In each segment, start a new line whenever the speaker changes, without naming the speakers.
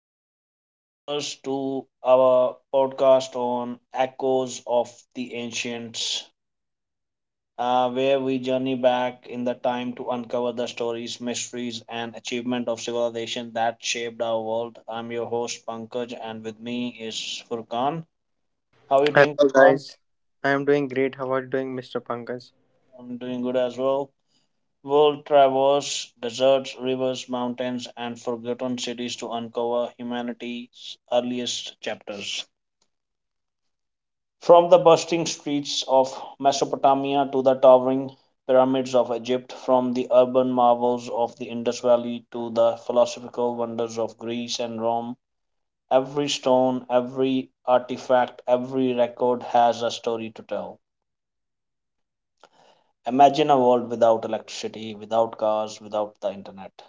fellow explorers, to our podcast on Echoes of the Ancients, where we journey back in the time to uncover the stories, mysteries, and achievement of civilization that shaped our world. I'm your host, Pankaj, and with me is Furkan. How are you doing,
Hello
Furkan?
guys, I am doing great. How are you doing, Mr. Pankaj?
I'm doing good as well. We'll traverse deserts, rivers, mountains, and forgotten cities to uncover humanity's earliest chapters. From the bustling streets of Mesopotamia to the towering pyramids of Egypt, from the urban marvels of the Indus Valley to the philosophical wonders of Greece and Rome, every stone, every artifact, every record has a story to tell. Imagine a world without electricity, without cars, without the internet,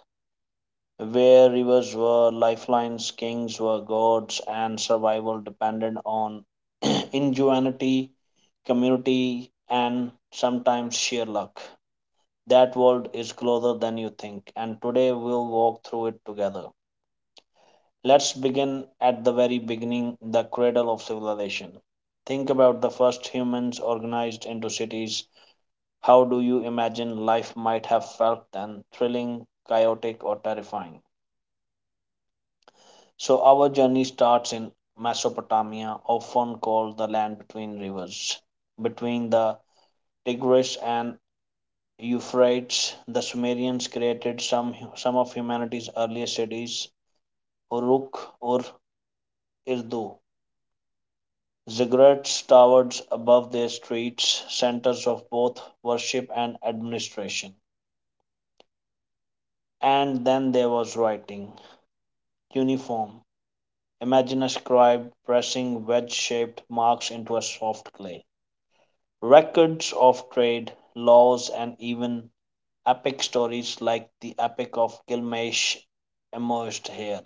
where rivers were lifelines, kings were gods, and survival depended on ingenuity, community, and sometimes sheer luck. That world is closer than you think, and today we'll walk through it together. Let's begin at the very beginning, the cradle of civilization. Think about the first humans organized into cities. How do you imagine life might have felt then? Thrilling, chaotic, or terrifying? So our journey starts in Mesopotamia, often called the land between rivers. Between the Tigris and Euphrates, the Sumerians created some of humanity's earliest cities, Uruk or Urdu. Ziggurats towered above their streets, centers of both worship and administration. And then there was writing, cuneiform. Imagine a scribe pressing wedge-shaped marks into a soft clay. Records of trade, laws, and even epic stories like the Epic of Gilgamesh emerged here.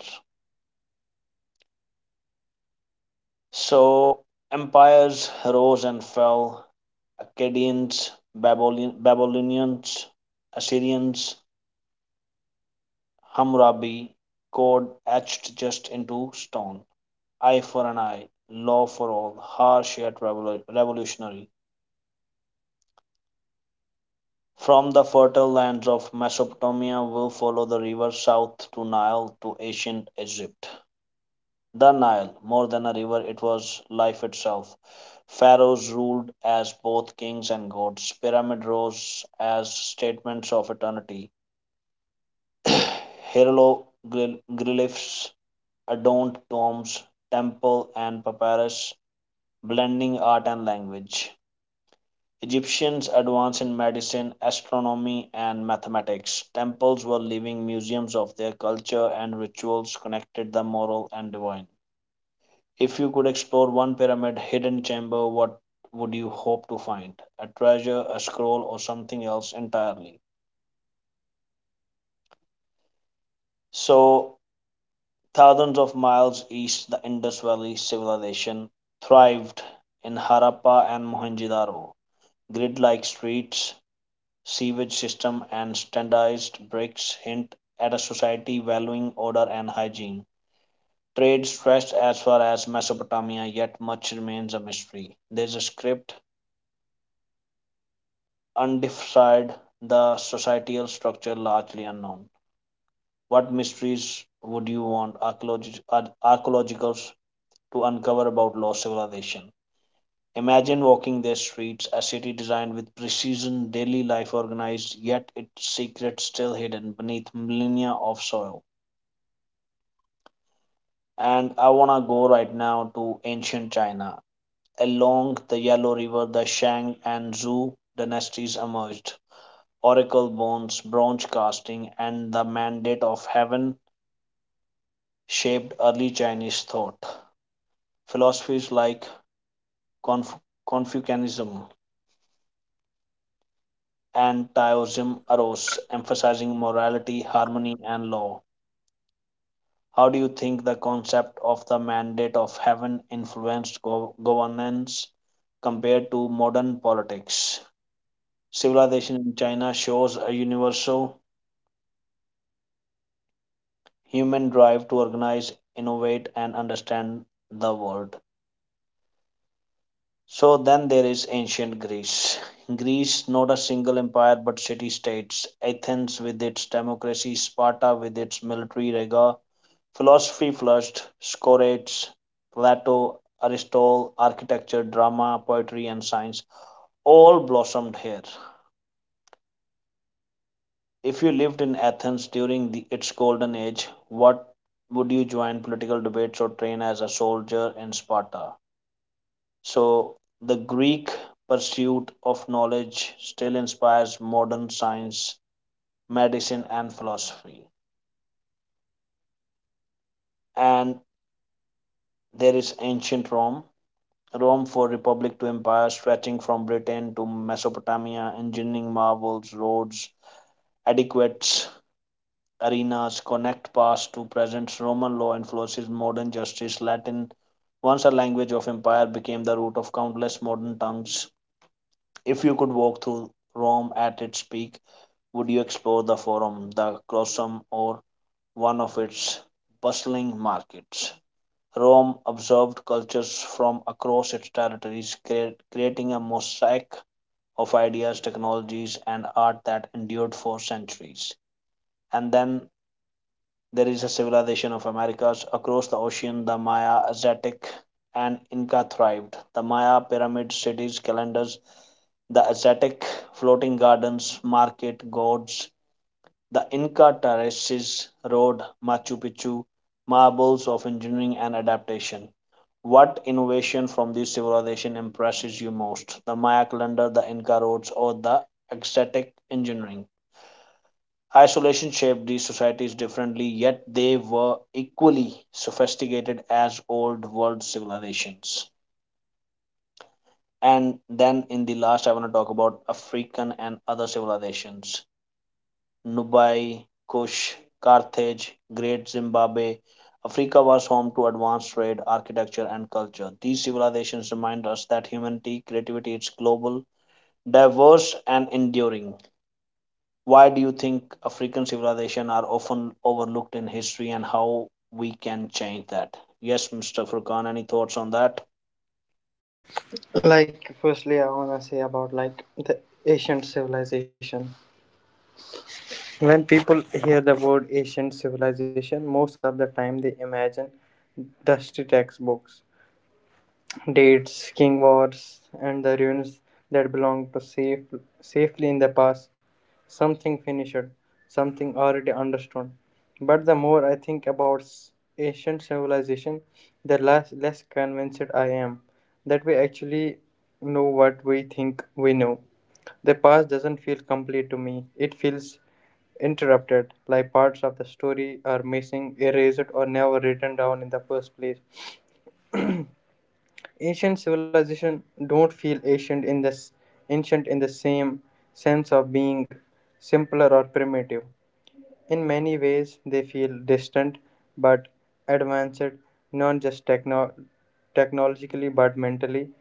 So empires rose and fell: Akkadians, Babylonians, Assyrians, Hammurabi, code etched just into stone. Eye for an eye, law for all, harsh yet revolutionary. From the fertile lands of Mesopotamia will follow the river south to Nile to ancient Egypt. The Nile, more than a river, it was life itself. Pharaohs ruled as both kings and gods. Pyramids rose as statements of eternity. Hieroglyphs adorned tombs, temple, and papyrus, blending art and language. Egyptians advanced in medicine, astronomy, and mathematics. Temples were living museums of their culture, and rituals connected the moral and divine. If you could explore one pyramid hidden chamber, what would you hope to find? A treasure, a scroll, or something else entirely? So, thousands of miles east, the Indus Valley civilization thrived in Harappa and Mohenjo-daro. Grid-like streets, sewage system, and standardized bricks hint at a society valuing order and hygiene. Trade stretched as far as Mesopotamia, yet much remains a mystery. There's a script undecided, the societal structure largely unknown. What mysteries would you want archaeologists to uncover about lost civilization? Imagine walking their streets, a city designed with precision, daily life organized, yet its secrets still hidden beneath millennia of soil. And I wanna go right now to ancient China. Along the Yellow River, the Shang and Zhou dynasties emerged. Oracle bones, bronze casting, and the mandate of heaven shaped early Chinese thought. Philosophies like Conf- Confucianism and Taoism arose, emphasizing morality, harmony, and law. How do you think the concept of the mandate of heaven influenced governance compared to modern politics? Civilization in China shows a universal human drive to organize, innovate, and understand the world. So then there is ancient Greece. Greece, not a single empire but city states. Athens with its democracy, Sparta with its military rigor, philosophy flushed, Socrates, Plato, Aristotle, architecture, drama, poetry, and science all blossomed here. If you lived in Athens during the, its golden age, what would you join political debates or train as a soldier in Sparta? So, the Greek pursuit of knowledge still inspires modern science, medicine, and philosophy. And there is ancient Rome. Rome for republic to empire stretching from Britain to Mesopotamia, engineering marvels, roads, adequate arenas connect past to present Roman law influences modern justice. Latin, once a language of empire, became the root of countless modern tongues. If you could walk through Rome at its peak, would you explore the Forum, the Colosseum, or one of its bustling markets? Rome absorbed cultures from across its territories, creating a mosaic of ideas, technologies, and art that endured for centuries. And then there is a civilization of Americas across the ocean. The Maya, Aztec, and Inca thrived. The Maya pyramids, cities, calendars, the Aztec floating gardens, market, gods, the Inca terraces, road, Machu Picchu, marbles of engineering and adaptation. What innovation from this civilization impresses you most? The Maya calendar, the Inca roads, or the Aztec engineering? Isolation shaped these societies differently, yet they were equally sophisticated as old world civilizations. And then in the last, I want to talk about African and other civilizations: Nubai, Kush, Carthage, Great Zimbabwe. Africa was home to advanced trade, architecture, and culture. These civilizations remind us that humanity, creativity, is global, diverse, and enduring. Why do you think African civilizations are often overlooked in history and how we can change that? Yes, Mr. Furkan, any thoughts on that?
Like, firstly, I want to say about like the ancient civilization. When people hear the word ancient civilization, most of the time they imagine dusty textbooks, dates, king wars, and the ruins that belong to safely in the past, something finished, something already understood. But the more I think about ancient civilization, the less convinced I am that we actually know what we think we know. The past doesn't feel complete to me. It feels interrupted, like parts of the story are missing, erased, or never written down in the first place. Ancient civilization don't feel ancient in this ancient in the same sense of being simpler or primitive. In many ways, they feel distant but advanced, not just technologically but mentally.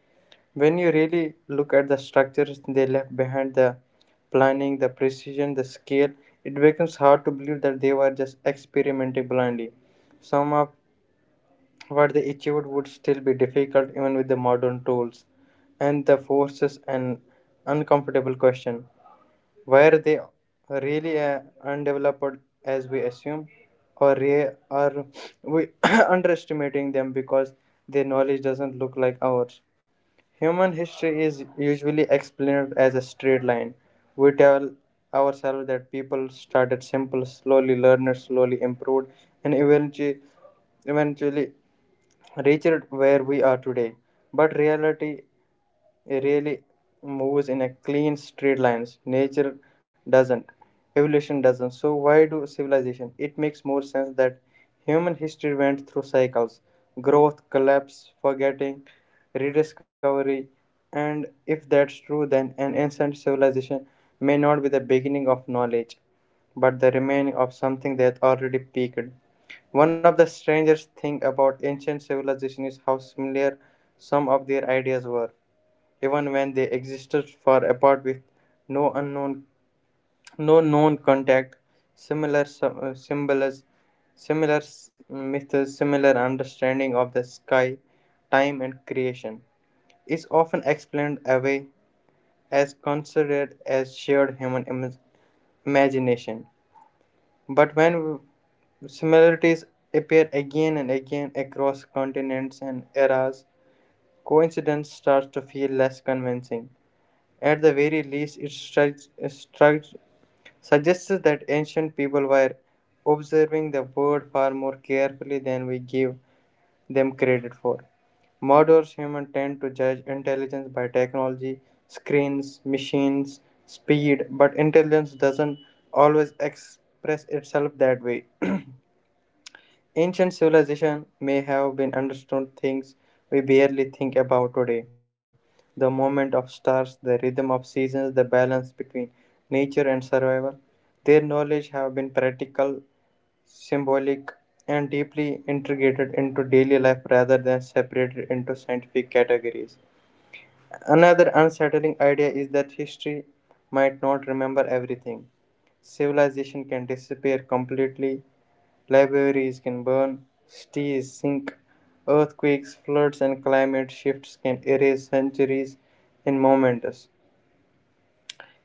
When you really look at the structures they left behind, the planning, the precision, the scale, it becomes hard to believe that they were just experimenting blindly. Some of what they achieved would still be difficult even with the modern tools. And the forces an uncomfortable question. Were they really undeveloped as we assume? Or are we underestimating them because their knowledge doesn't look like ours? Human history is usually explained as a straight line. We tell ourselves that people started simple, slowly learned, slowly improved, and eventually reached where we are today. But reality, it really moves in a clean straight lines. Nature doesn't, evolution doesn't, so why do civilization? It makes more sense that human history went through cycles: growth, collapse, forgetting, rediscovery. And if that's true, then an ancient civilization may not be the beginning of knowledge but the remaining of something that already peaked. One of the strangest things about ancient civilization is how similar some of their ideas were, even when they existed far apart with no unknown no known contact, similar symbols, similar myths, similar understanding of the sky, time and creation, is often explained away as considered as shared human imagination. But when similarities appear again and again across continents and eras, coincidence starts to feel less convincing. At the very least, it suggests that ancient people were observing the world far more carefully than we give them credit for. Modern humans tend to judge intelligence by technology, screens, machines, speed, but intelligence doesn't always express itself that way. Ancient civilization may have been understood things we barely think about today. The movement of stars, the rhythm of seasons, the balance between nature and survival. Their knowledge have been practical, symbolic, and deeply integrated into daily life rather than separated into scientific categories. Another unsettling idea is that history might not remember everything. Civilization can disappear completely. Libraries can burn, cities sink, earthquakes, floods, and climate shifts can erase centuries in moments.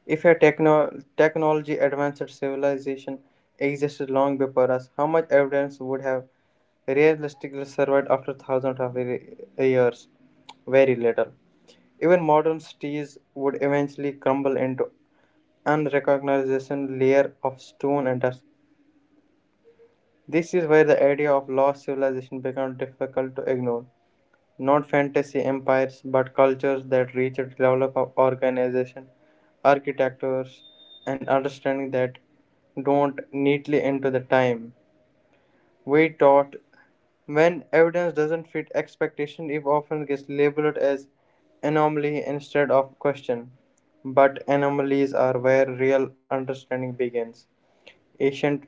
If a technology advanced civilization existed long before us, how much evidence would have realistically survived after thousands of years? Very little. Even modern cities would eventually crumble into unrecognizable layer of stone and dust. This is where the idea of lost civilization becomes difficult to ignore. Not fantasy empires, but cultures that reach a level of organization, architectures, and understanding that don't neatly into the time. We taught, when evidence doesn't fit expectation, it often gets labeled as anomaly instead of question. But anomalies are where real understanding begins. Ancient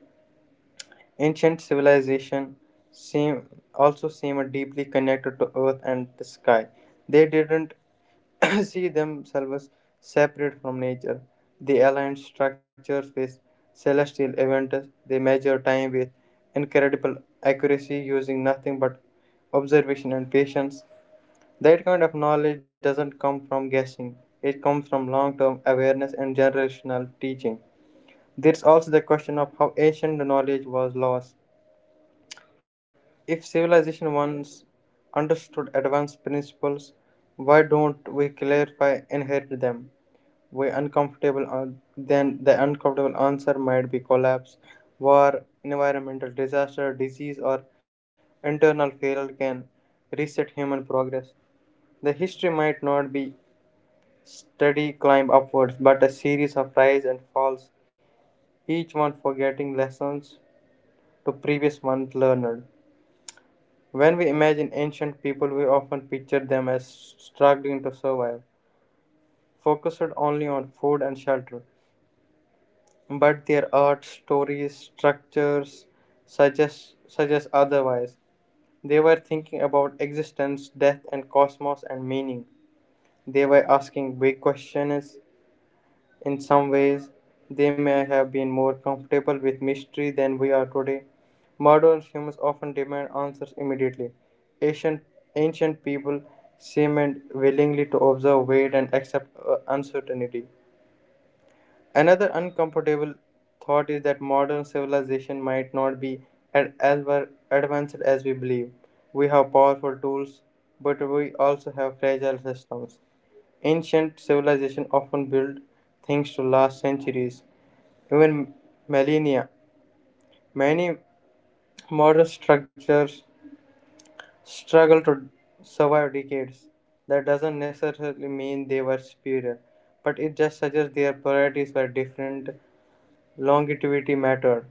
Ancient civilization seem also seem deeply connected to earth and the sky. They didn't see themselves separate from nature. They aligned structures with celestial events. They measured time with incredible accuracy using nothing but observation and patience. That kind of knowledge doesn't come from guessing. It comes from long-term awareness and generational teaching. There's also the question of how ancient knowledge was lost. If civilization once understood advanced principles, why don't we clarify inherit them? We uncomfortable an- then the uncomfortable answer might be collapse, war, environmental disaster, disease, or internal failure can reset human progress. The history might not be steady climb upwards, but a series of rise and falls, each one forgetting lessons to previous one learned. When we imagine ancient people, we often picture them as struggling to survive, focused only on food and shelter. But their art, stories, structures suggest otherwise. They were thinking about existence, death, and cosmos and meaning. They were asking big questions. In some ways, they may have been more comfortable with mystery than we are today. Modern humans often demand answers immediately. Ancient, ancient people seemed willingly to observe, wait, and accept uncertainty. Another uncomfortable thought is that modern civilization might not be at as well advanced as we believe. We have powerful tools, but we also have fragile systems. Ancient civilizations often built things to last centuries, even millennia. Many modern structures struggle to survive decades. That doesn't necessarily mean they were superior, but it just suggests their priorities were different. Longevity mattered.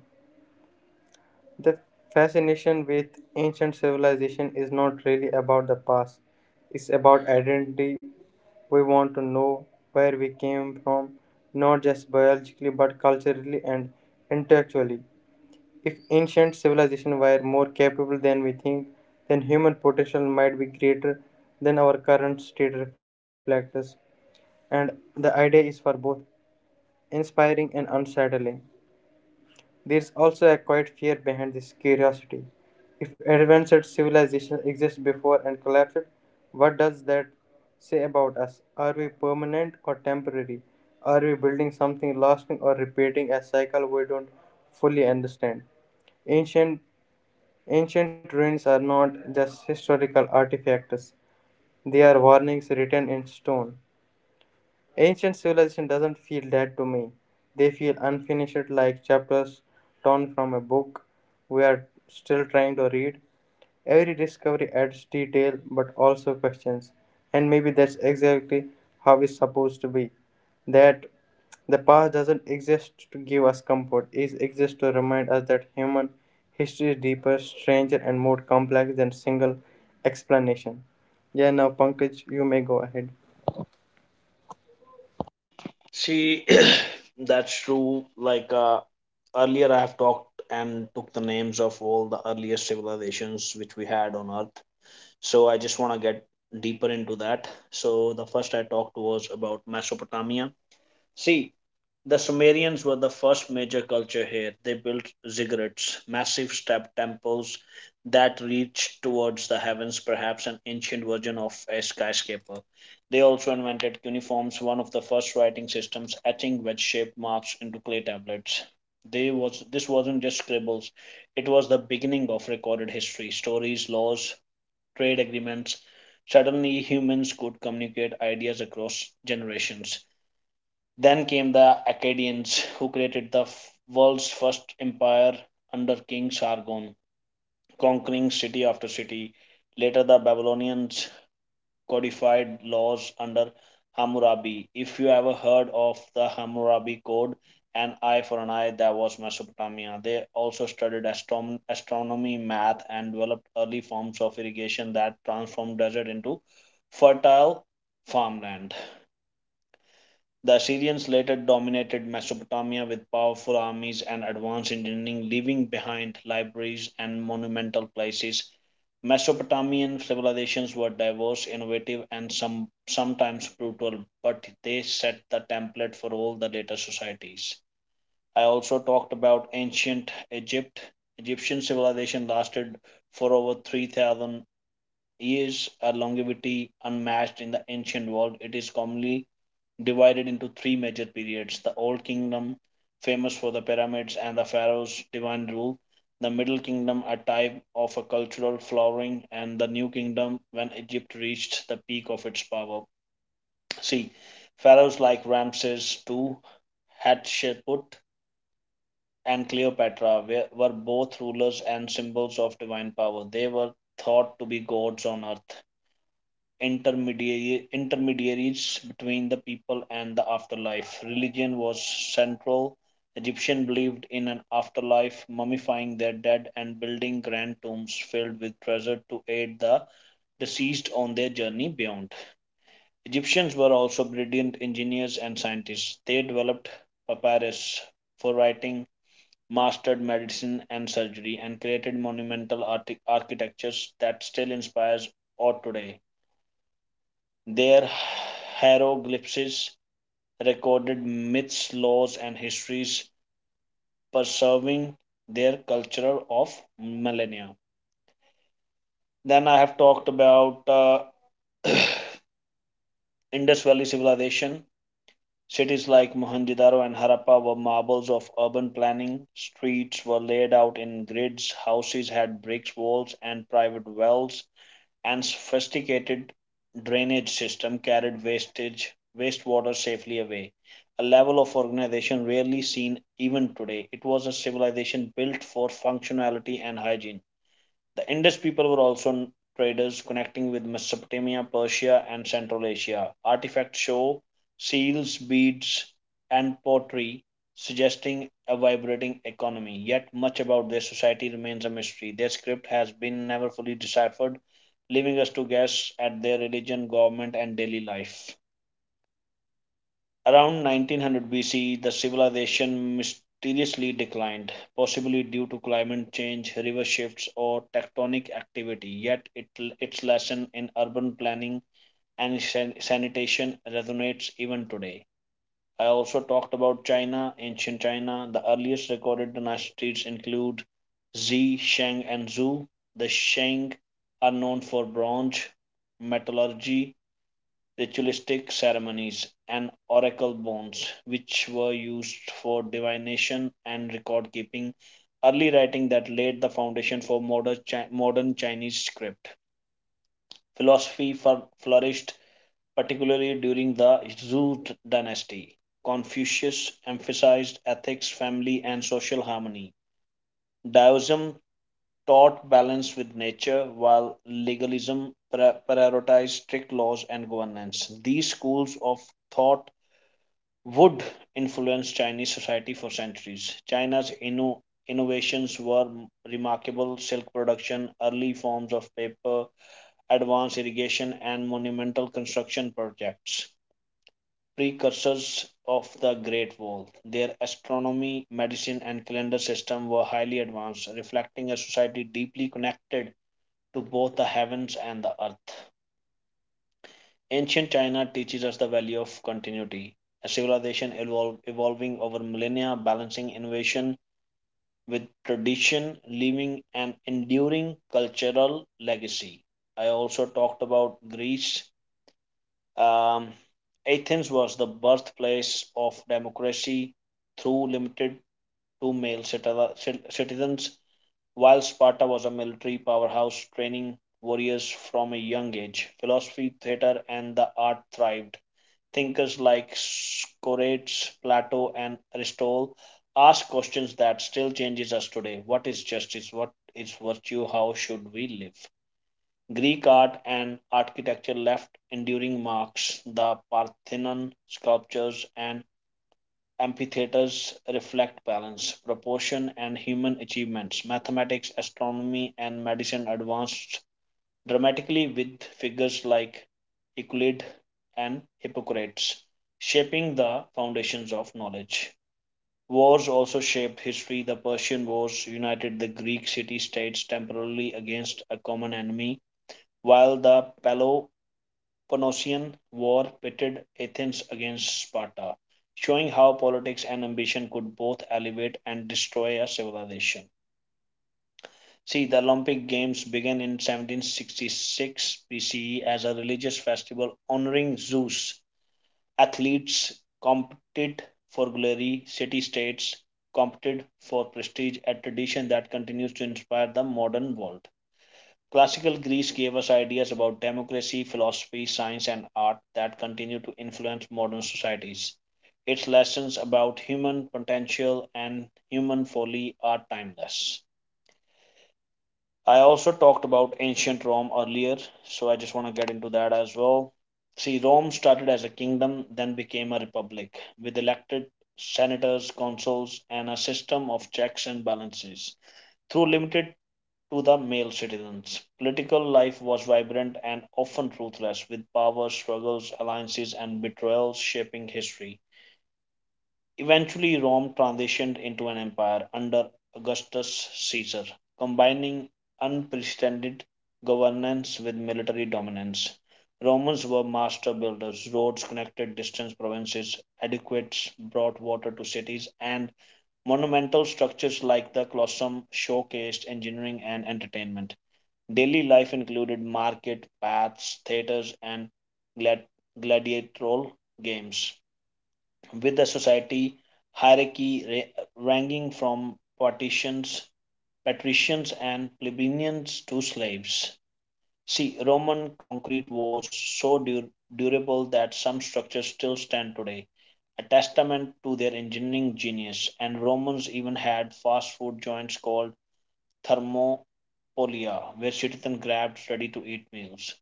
The fascination with ancient civilization is not really about the past, it's about identity. We want to know where we came from, not just biologically but culturally and intellectually. If ancient civilizations were more capable than we think, then human potential might be greater than our current state reflects. And the idea is for both inspiring and unsettling. There is also a quiet fear behind this curiosity. If advanced civilization exists before and collapsed, what does that say about us? Are we permanent or temporary? Are we building something lasting or repeating a cycle we don't fully understand? Ancient ancient ruins are not just historical artifacts. They are warnings written in stone. Ancient civilization doesn't feel that to me. They feel unfinished, like chapters torn from a book we are still trying to read. Every discovery adds detail but also questions, and maybe that's exactly how it's supposed to be. That the past doesn't exist to give us comfort, it exists to remind us that human history is deeper, stranger, and more complex than single explanation. Yeah, now Pankaj, you may go ahead.
See, that's true. Earlier, I have talked and took the names of all the earliest civilizations which we had on Earth. So I just want to get deeper into that. So the first I talked was about Mesopotamia. See, the Sumerians were the first major culture here. They built ziggurats, massive step temples that reached towards the heavens, perhaps an ancient version of a skyscraper. They also invented cuneiforms, one of the first writing systems, etching wedge-shaped marks into clay tablets. They was this wasn't just scribbles; it was the beginning of recorded history, stories, laws, trade agreements. Suddenly, humans could communicate ideas across generations. Then came the Akkadians, who created the world's first empire under King Sargon, conquering city after city. Later, the Babylonians codified laws under Hammurabi. If you ever heard of the Hammurabi Code, an eye for an eye, that was Mesopotamia. They also studied astronomy, math, and developed early forms of irrigation that transformed desert into fertile farmland. The Assyrians later dominated Mesopotamia with powerful armies and advanced engineering, leaving behind libraries and monumental places. Mesopotamian civilizations were diverse, innovative, and sometimes brutal, but they set the template for all the later societies. I also talked about ancient Egypt. Egyptian civilization lasted for over 3,000 years, a longevity unmatched in the ancient world. It is commonly divided into three major periods: the Old Kingdom, famous for the pyramids and the pharaoh's divine rule, the Middle Kingdom, a time of a cultural flowering, and the New Kingdom when Egypt reached the peak of its power. See, pharaohs like Ramses II, Hatshepsut, and Cleopatra were both rulers and symbols of divine power. They were thought to be gods on earth intermediaries between the people and the afterlife. Religion was central. Egyptians believed in an afterlife, mummifying their dead and building grand tombs filled with treasure to aid the deceased on their journey beyond. Egyptians were also brilliant engineers and scientists. They developed papyrus for writing, mastered medicine and surgery, and created monumental architectures that still inspires art today. Their hieroglyphs recorded myths, laws, and histories, preserving their culture of millennia. Then I have talked about Indus Valley civilization. Cities like Mohenjo-daro and Harappa were marvels of urban planning. Streets were laid out in grids, houses had bricks, walls, and private wells, and sophisticated drainage system carried wastage wastewater safely away, a level of organization rarely seen even today. It was a civilization built for functionality and hygiene. The Indus people were also traders connecting with Mesopotamia, Persia, and Central Asia. Artifacts show seals, beads, and pottery, suggesting a vibrating economy. Yet, much about their society remains a mystery. Their script has been never fully deciphered, leaving us to guess at their religion, government, and daily life. Around 1900 BC, the civilization mysteriously declined, possibly due to climate change, river shifts, or tectonic activity. Yet, its lesson in urban planning and sanitation resonates even today. I also talked about China, ancient China. The earliest recorded dynasties include Zi, Shang, and Zhu. The Shang are known for bronze metallurgy, ritualistic ceremonies, and oracle bones, which were used for divination and record keeping, early writing that laid the foundation for modern Chinese script. Philosophy flourished particularly during the Zhou dynasty. Confucius emphasized ethics, family, and social harmony. Taoism taught balance with nature, while legalism prioritized strict laws and governance. These schools of thought would influence Chinese society for centuries. China's innovations were remarkable: silk production, early forms of paper, advanced irrigation, and monumental construction projects, precursors of the Great Wall. Their astronomy, medicine, and calendar system were highly advanced, reflecting a society deeply connected to both the heavens and the earth. Ancient China teaches us the value of continuity, a civilization evolving over millennia, balancing innovation with tradition, leaving an enduring cultural legacy. I also talked about Greece. Um, Athens was the birthplace of democracy through limited to male citizens, while Sparta was a military powerhouse training warriors from a young age. Philosophy, theater, and the art thrived thinkers like Socrates, Plato, and Aristotle ask questions that still changes us today. What is justice? What is virtue? How should we live? Greek art and architecture left enduring marks. The Parthenon sculptures and amphitheaters reflect balance, proportion, and human achievements. Mathematics, astronomy, and medicine advanced dramatically with figures like Euclid and Hippocrates shaping the foundations of knowledge. Wars also shaped history. The Persian Wars united the Greek city states temporarily against a common enemy, while the Peloponnesian War pitted Athens against Sparta, showing how politics and ambition could both elevate and destroy a civilization. See, the Olympic Games began in 1766 BCE as a religious festival honoring Zeus. Athletes competed for glory, city states competed for prestige, a tradition that continues to inspire the modern world. Classical Greece gave us ideas about democracy, philosophy, science, and art that continue to influence modern societies. Its lessons about human potential and human folly are timeless. I also talked about ancient Rome earlier, so I just want to get into that as well. See, Rome started as a kingdom, then became a republic with elected senators, consuls, and a system of checks and balances, though limited to the male citizens. Political life was vibrant and often ruthless, with power struggles, alliances, and betrayals shaping history. Eventually, Rome transitioned into an empire under Augustus Caesar, combining unprecedented governance with military dominance. Romans were master builders. Roads connected distant provinces, aqueducts brought water to cities, and monumental structures like the Colosseum showcased engineering and entertainment. Daily life included market, baths, theaters, and glad- gladiatorial games with the society hierarchy ranging from partitions, patricians and plebeians to slaves. See, Roman concrete was so durable that some structures still stand today, a testament to their engineering genius. And Romans even had fast food joints called thermopolia, where citizens grabbed ready to eat meals.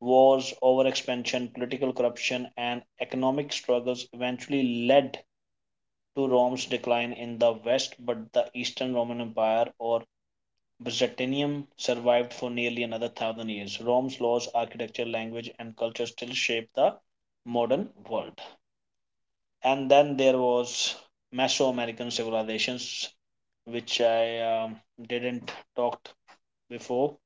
Wars, overexpansion, political corruption, and economic struggles eventually led to Rome's decline in the west, but the Eastern Roman Empire or Byzantium survived for nearly another thousand years. Rome's laws, architecture, language, and culture still shape the modern world. And then there was Mesoamerican civilizations, which I didn't talked before.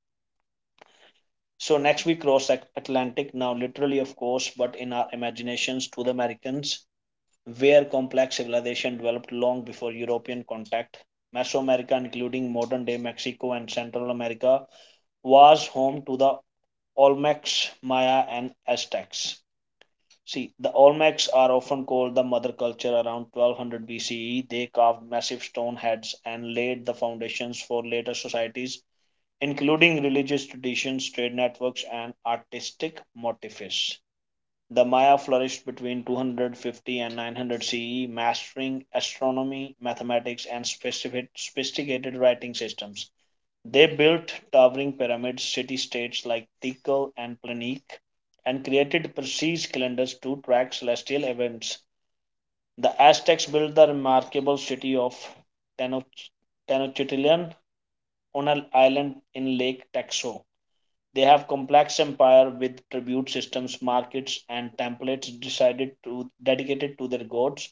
So next we cross Atlantic now, literally, of course, but in our imaginations to the Americans where complex civilization developed long before European contact. Mesoamerica, including modern day Mexico and Central America, was home to the Olmecs, Maya, and Aztecs. See, the Olmecs are often called the mother culture around 1200 BCE. They carved massive stone heads and laid the foundations for later societies, including religious traditions, trade networks, and artistic motifs. The Maya flourished between 250 and 900 CE, mastering astronomy, mathematics, and sophisticated writing systems. They built towering pyramids, city states like Tikal and Planique, and created precise calendars to track celestial events. The Aztecs built the remarkable city of Tenochtitlan on an island in Lake Texo. They have complex empire with tribute systems, markets, and templates decided to dedicated to their gods.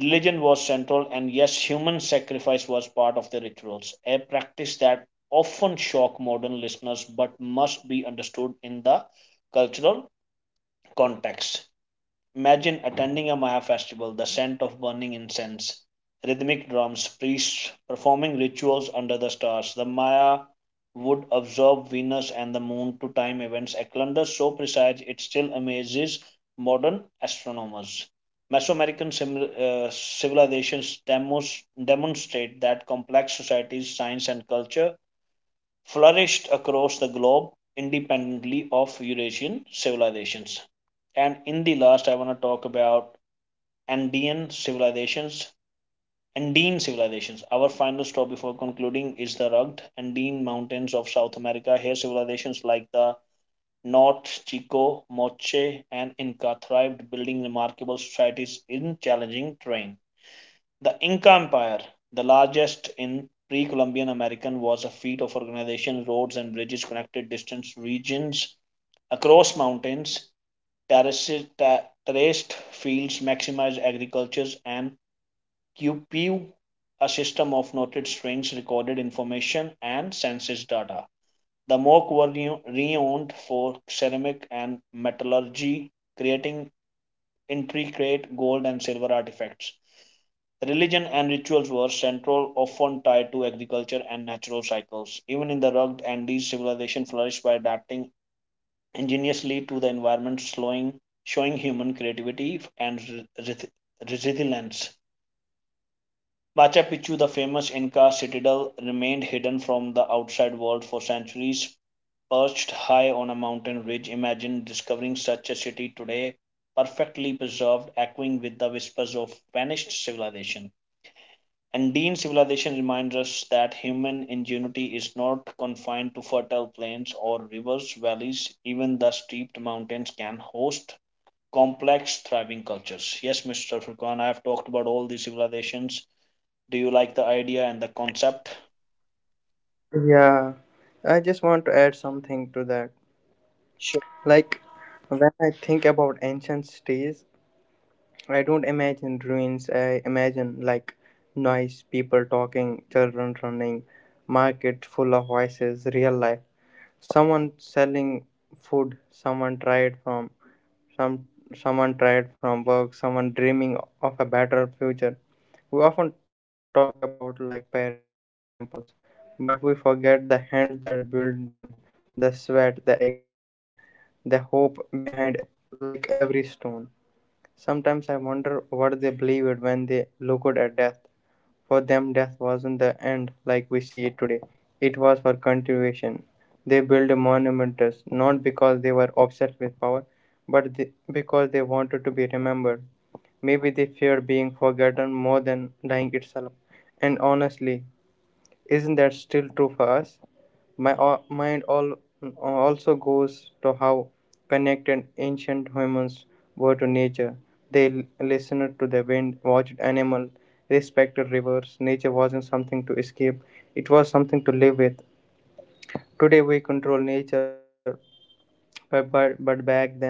Religion was central, and yes, human sacrifice was part of the rituals, a practice that often shock modern listeners but must be understood in the cultural context. Imagine attending a Maya festival, the scent of burning incense, rhythmic drums, priests performing rituals under the stars. The Maya would observe Venus and the moon to time events, a calendar so precise it still amazes modern astronomers. Mesoamerican civilizations demonstrate that complex societies, science, and culture flourished across the globe independently of Eurasian civilizations. And in the last, I want to talk about Andean civilizations. Andean civilizations. Our final stop before concluding is the rugged Andean mountains of South America. Here, civilizations like the North Chico, Moche, and Inca thrived, building remarkable societies in challenging terrain. The Inca Empire, the largest in pre Columbian American, was a feat of organization. Roads and bridges connected distant regions across mountains, terraces, terraced fields maximized agriculture and QPU, a system of noted strings, recorded information, and census data. The mock were renowned for ceramic and metallurgy, creating intricate gold and silver artifacts. Religion and rituals were central, often tied to agriculture and natural cycles. Even in the rugged Andes, civilization flourished by adapting ingeniously to the environment, showing human creativity and resilience. Machu Picchu, the famous Inca citadel, remained hidden from the outside world for centuries. Perched high on a mountain ridge, imagine discovering such a city today, perfectly preserved, echoing with the whispers of vanished civilization. Andean civilization reminds us that human ingenuity is not confined to fertile plains or rivers, valleys, even the steeped mountains can host complex, thriving cultures. Yes, Mr. Furqan, I have talked about all the civilizations do you like the idea and the concept?
Yeah, I just want to add something to that.
Sure.
Like, when I think about ancient cities, I don't imagine ruins. I imagine like noise, people talking, children running, market full of voices, real life. Someone selling food, some someone tired from work, someone dreaming of a better future. We often talk about like pyramids and temples, but we forget the hands that built them, the sweat, the exhaustion, the hope behind like every stone. Sometimes I wonder what they believed when they looked at death. For them, death wasn't the end like we see it today, it was for continuation. They built monuments not because they were obsessed with power, but because they wanted to be remembered. Maybe they feared being forgotten more than dying itself. And honestly, isn't that still true for us? My mind also goes to how connected ancient humans were to nature. They listened to the wind, watched animals, respected rivers. Nature wasn't something to escape, it was something to live with. Today we control nature, but back then,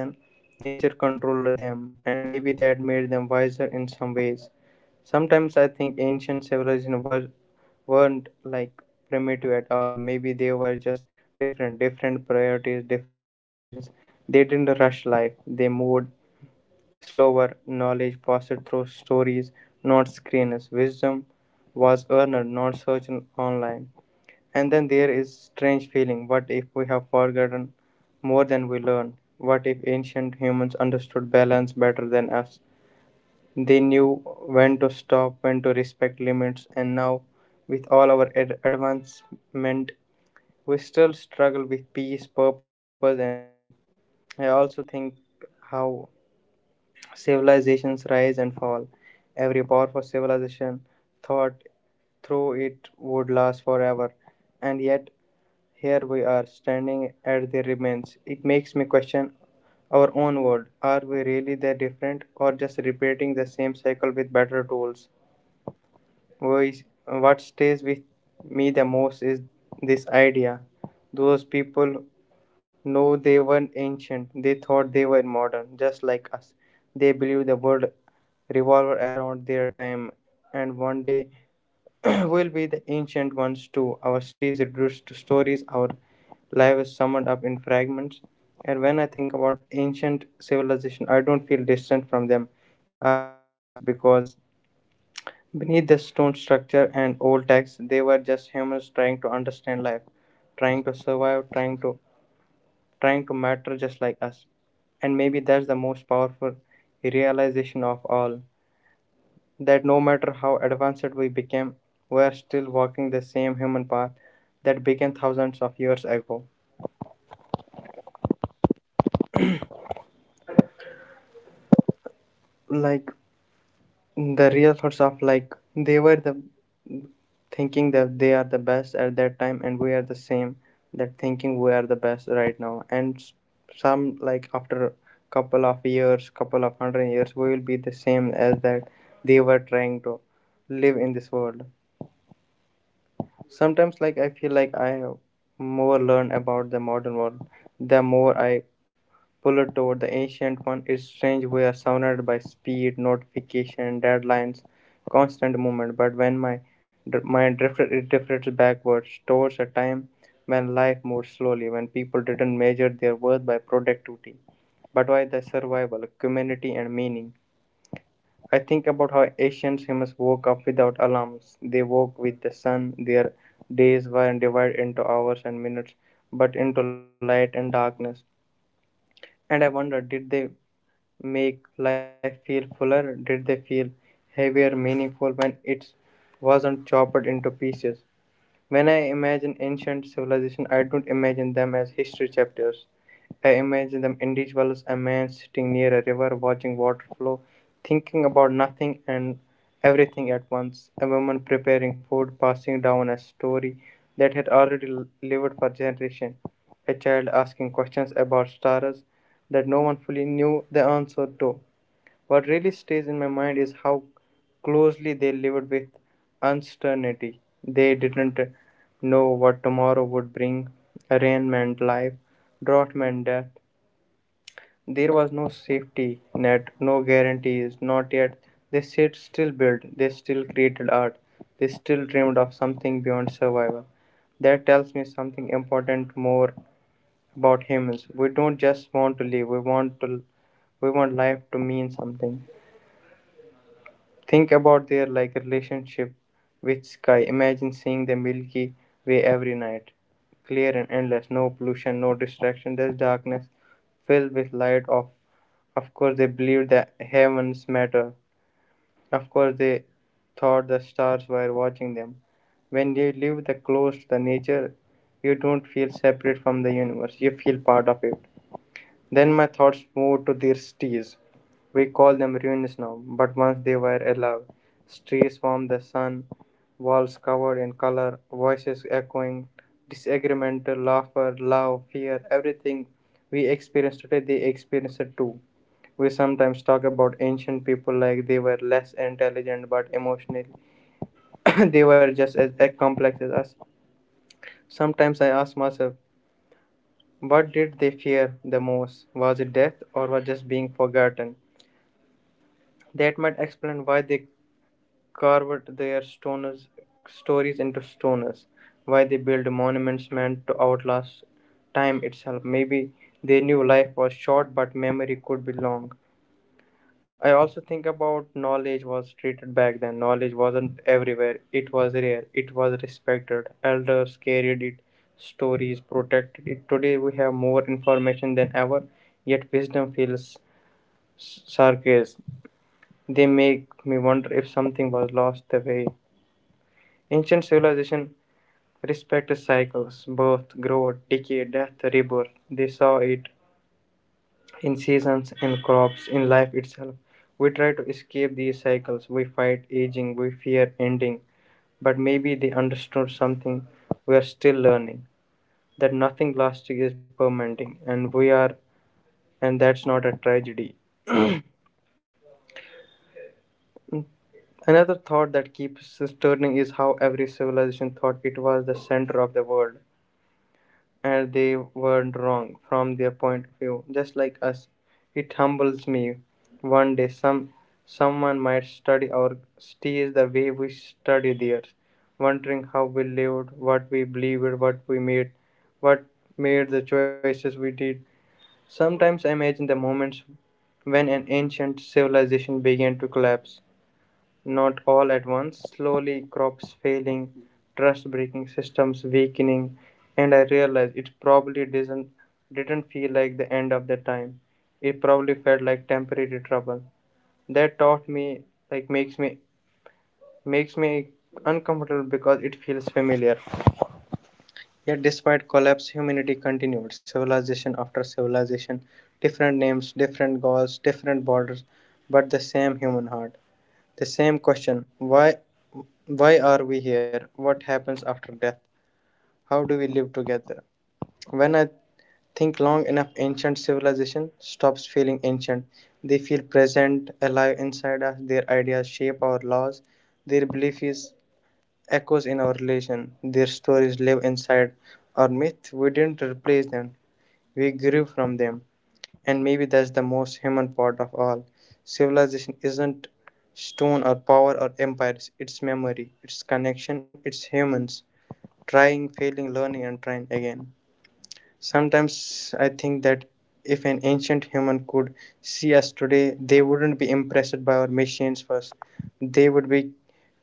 nature controlled them, and maybe that made them wiser in some ways. Sometimes I think ancient civilizations weren't like primitive at all. Maybe they were just different, different priorities, different intelligence. They didn't rush life, they moved slower. Knowledge passed through stories, not screens. Wisdom was earned, not searched online. And then there is strange feeling. What if we have forgotten more than we learned? What if ancient humans understood balance better than us? They knew when to stop, when to respect limits, and now with all our advancement, we still struggle with peace, purpose, and meaning. I also think how civilizations rise and fall. Every powerful civilization thought through it would last forever, and yet here we are, standing at the remains. It makes me question our own world. Are we really that different, or just repeating the same cycle with better tools? Why- What stays with me the most is this idea. Those people know they weren't ancient, they thought they were modern, just like us. They believe the world revolved around their time, and one day will be the ancient ones too. Our stays reduced to stories, our lives summed up in fragments. And when I think about ancient civilization, I don't feel distant from them. I feel close because beneath the stone structure and old texts, they were just humans trying to understand life, trying to survive, trying to matter just like us. And maybe that's the most powerful realization of all that no matter how advanced we became, we are still walking the same human path that began thousands of years ago. Like, the real thoughts of like, they were the thinking that they are the best at that time, and we are the same, that thinking we are the best right now, and s- some like after couple of years, couple of hundred years, we will be the same as that. They were trying to live in this world. Sometimes, I feel like I have more learn about the modern world, the more I pull it toward the ancient one. It's strange, we are surrounded by speed, notification, deadlines, constant movement. But when my mind drifted, it drifted backwards towards a time when life moved slowly, when people didn't measure their worth by productivity, but by the survival, community, and meaning. I think about how ancient humans woke up without alarms. They woke with the sun. Their days were divided into hours and minutes, but into light and darkness. And I wonder, did they make life feel fuller? Did they feel heavier, meaningful when it wasn't chopped into pieces? When I imagine ancient civilization, I don't imagine them as history chapters. I imagine them individuals: a man sitting near a river watching water flow, thinking about nothing and everything at once; a woman preparing food, passing down a story that had already lived for generations; a child asking questions about stars that no one fully knew the answer to. What really stays in my mind is how closely they lived with uncertainty. They didn't know what tomorrow would bring. Rain meant life, drought meant death. There was no safety net, no guarantees, not yet. They said still built, they still created art, they still dreamed of something beyond survival. That tells me something important more about humans. We don't just want to live, we want to, we want life to mean something. Think about their relationship with sky. Imagine seeing the Milky Way every night. Clear and endless, no pollution, no distraction, just darkness filled with light. Of course they believed the heavens matter. Of course they thought the stars were watching them. When you live the close to the nature, you don't feel separate from the universe. You feel part of it. Then my thoughts moved to their trees. We call them ruins now, but once they were alive. Trees warmed the sun, walls covered in color, voices echoing, disagreement, laughter, love, fear. Everything we experience today, they experience it too. We sometimes talk about ancient people like they were less intelligent, but emotionally they were just as complex as us. Sometimes I ask myself, what did they fear the most? Was it death, or was just being forgotten? That might explain why they carved their stoners, stories into stones, why they built monuments meant to outlast time itself. Maybe they knew life was short, but memory could be long. I also think about knowledge was treated back then. Knowledge wasn't everywhere, it was rare, it was respected. Elders carried it, stories protected it. Today we have more information than ever, yet wisdom feels scarce. They make me wonder if something was lost, the way ancient civilization respected cycles: birth, growth, decay, death, rebirth. They saw it in seasons, in crops, in life itself. We try to escape these cycles. We fight aging, we fear ending. But maybe they understood something we are still learning, that nothing lasting is permanent, and we are, and that's not a tragedy. Another thought that keeps turning is how every civilization thought it was the center of the world, and they weren't wrong from their point of view, just like us. It humbles me. One day, someone might study or steal the way we study theirs, wondering how we lived, what we believed, what we made, what made the choices we did. Sometimes I imagine the moments when an ancient civilization began to collapse, not all at once, slowly: crops failing, trust breaking, systems weakening. And I realized it probably didn't feel like the end of the time. It probably felt like temporary trouble. That taught me, makes me, makes me uncomfortable because it feels familiar. Yet, despite collapse, humanity continued. Civilization after civilization, different names, different goals, different borders, but the same human heart. The same question: why are we here? What happens after death? How do we live together? When I think long enough, ancient civilization stops feeling ancient. They feel present, alive inside us. Their ideas shape our laws. Their belief is echoes in our relation. Their stories live inside our myth. We didn't replace them. We grew from them. And maybe that's the most human part of all. Civilization isn't stone or power or empires. It's memory. It's connection. It's humans trying, failing, learning, and trying again. Sometimes I think that if an ancient human could see us today, they wouldn't be impressed by our machines first. They would be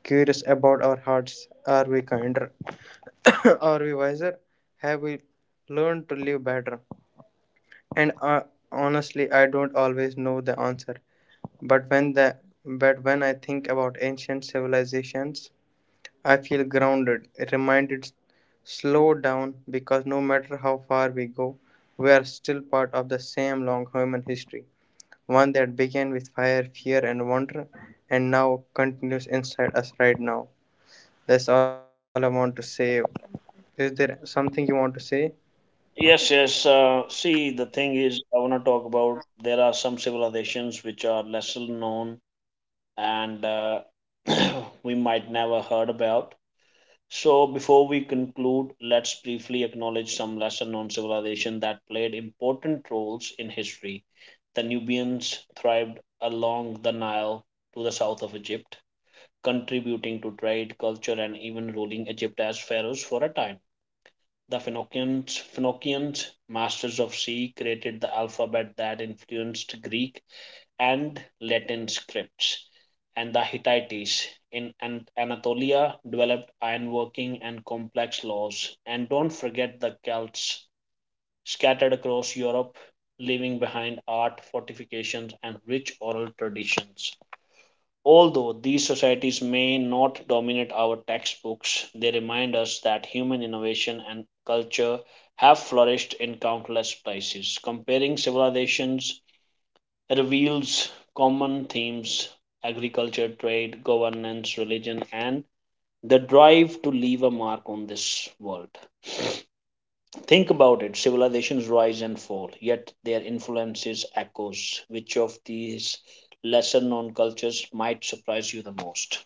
curious about our hearts. Are we kinder? Are we wiser? Have we learned to live better? And honestly, I don't always know the answer. But when the but when I think about ancient civilizations, I feel grounded, reminded, slow down, because no matter how far we go, we are still part of the same long human history, one that began with fire, fear, and wonder, and now continues inside us right now. That's all I want to say. Is there something you want to say,
Yes, yes. See, the thing is, I want to talk about there are some civilizations which are lesser known and we might never heard about. So, before we conclude, let's briefly acknowledge some lesser known civilization that played important roles in history. The Nubians thrived along the Nile to the south of Egypt, contributing to trade, culture, and even ruling Egypt as pharaohs for a time. The Phoenicians, masters of sea, created the alphabet that influenced Greek and Latin scripts, and the Hittites in Anatolia developed ironworking and complex laws. And don't forget the Celts scattered across Europe, leaving behind art, fortifications, and rich oral traditions. Although these societies may not dominate our textbooks, they remind us that human innovation and culture have flourished in countless places. Comparing civilizations reveals common themes agriculture, trade, governance, religion, and the drive to leave a mark on this world. Think about it civilizations rise and fall, yet their influences echoes. Which of these lesser known cultures might surprise you the most?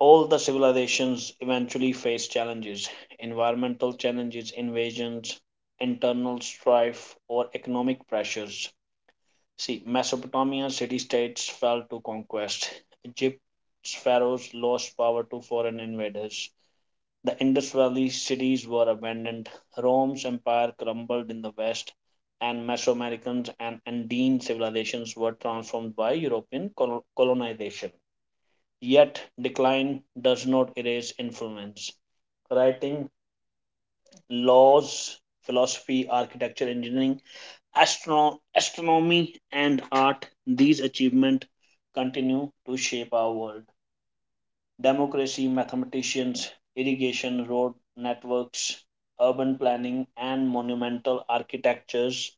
All the civilizations eventually face challenges environmental challenges, invasions, internal strife, or economic pressures. See, Mesopotamia city states fell to conquest. Egypt's pharaohs lost power to foreign invaders. The Indus Valley cities were abandoned. Rome's empire crumbled in the west, and Mesoamericans and Andean civilizations were transformed by European colonization. Yet decline does not erase influence. Writing, laws, philosophy, architecture, engineering, astronomy, and art, these achievements continue to shape our world. Democracy, mathematicians, irrigation, road networks, urban planning, and monumental architectures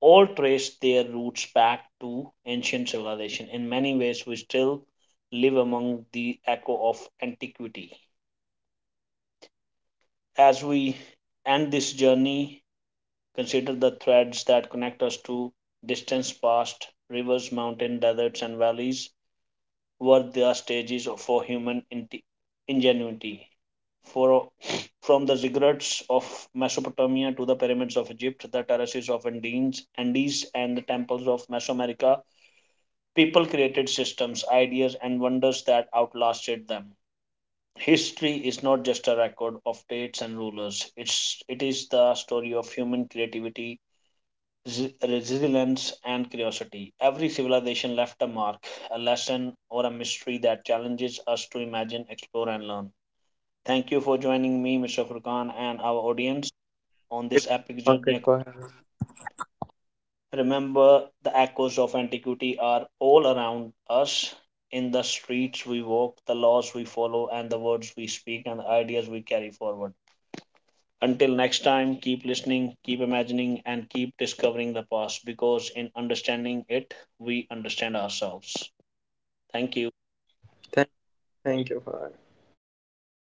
all trace their roots back to ancient civilization. In many ways, we still live among the echo of antiquity. As we end this journey, consider the threads that connect us to distant past rivers, mountains, deserts, and valleys were the stages for human ingenuity. For, from the ziggurats of Mesopotamia to the pyramids of Egypt, the terraces of Andes and the temples of Mesoamerica, people created systems, ideas, and wonders that outlasted them. History is not just a record of dates and rulers. It is the story of human creativity, resilience, and curiosity. Every civilization left a mark, a lesson, or a mystery that challenges us to imagine, explore, and learn. Thank you for joining me, Mr. Furkan, and our audience on this epic
Pankaj?
journey.
For-
Remember, the echoes of antiquity are all around us in the streets we walk, the laws we follow, and the words we speak, and the ideas we carry forward. Until next time, keep listening, keep imagining, and keep discovering the past because in understanding it, we understand ourselves. Thank you.
Thank, thank you for.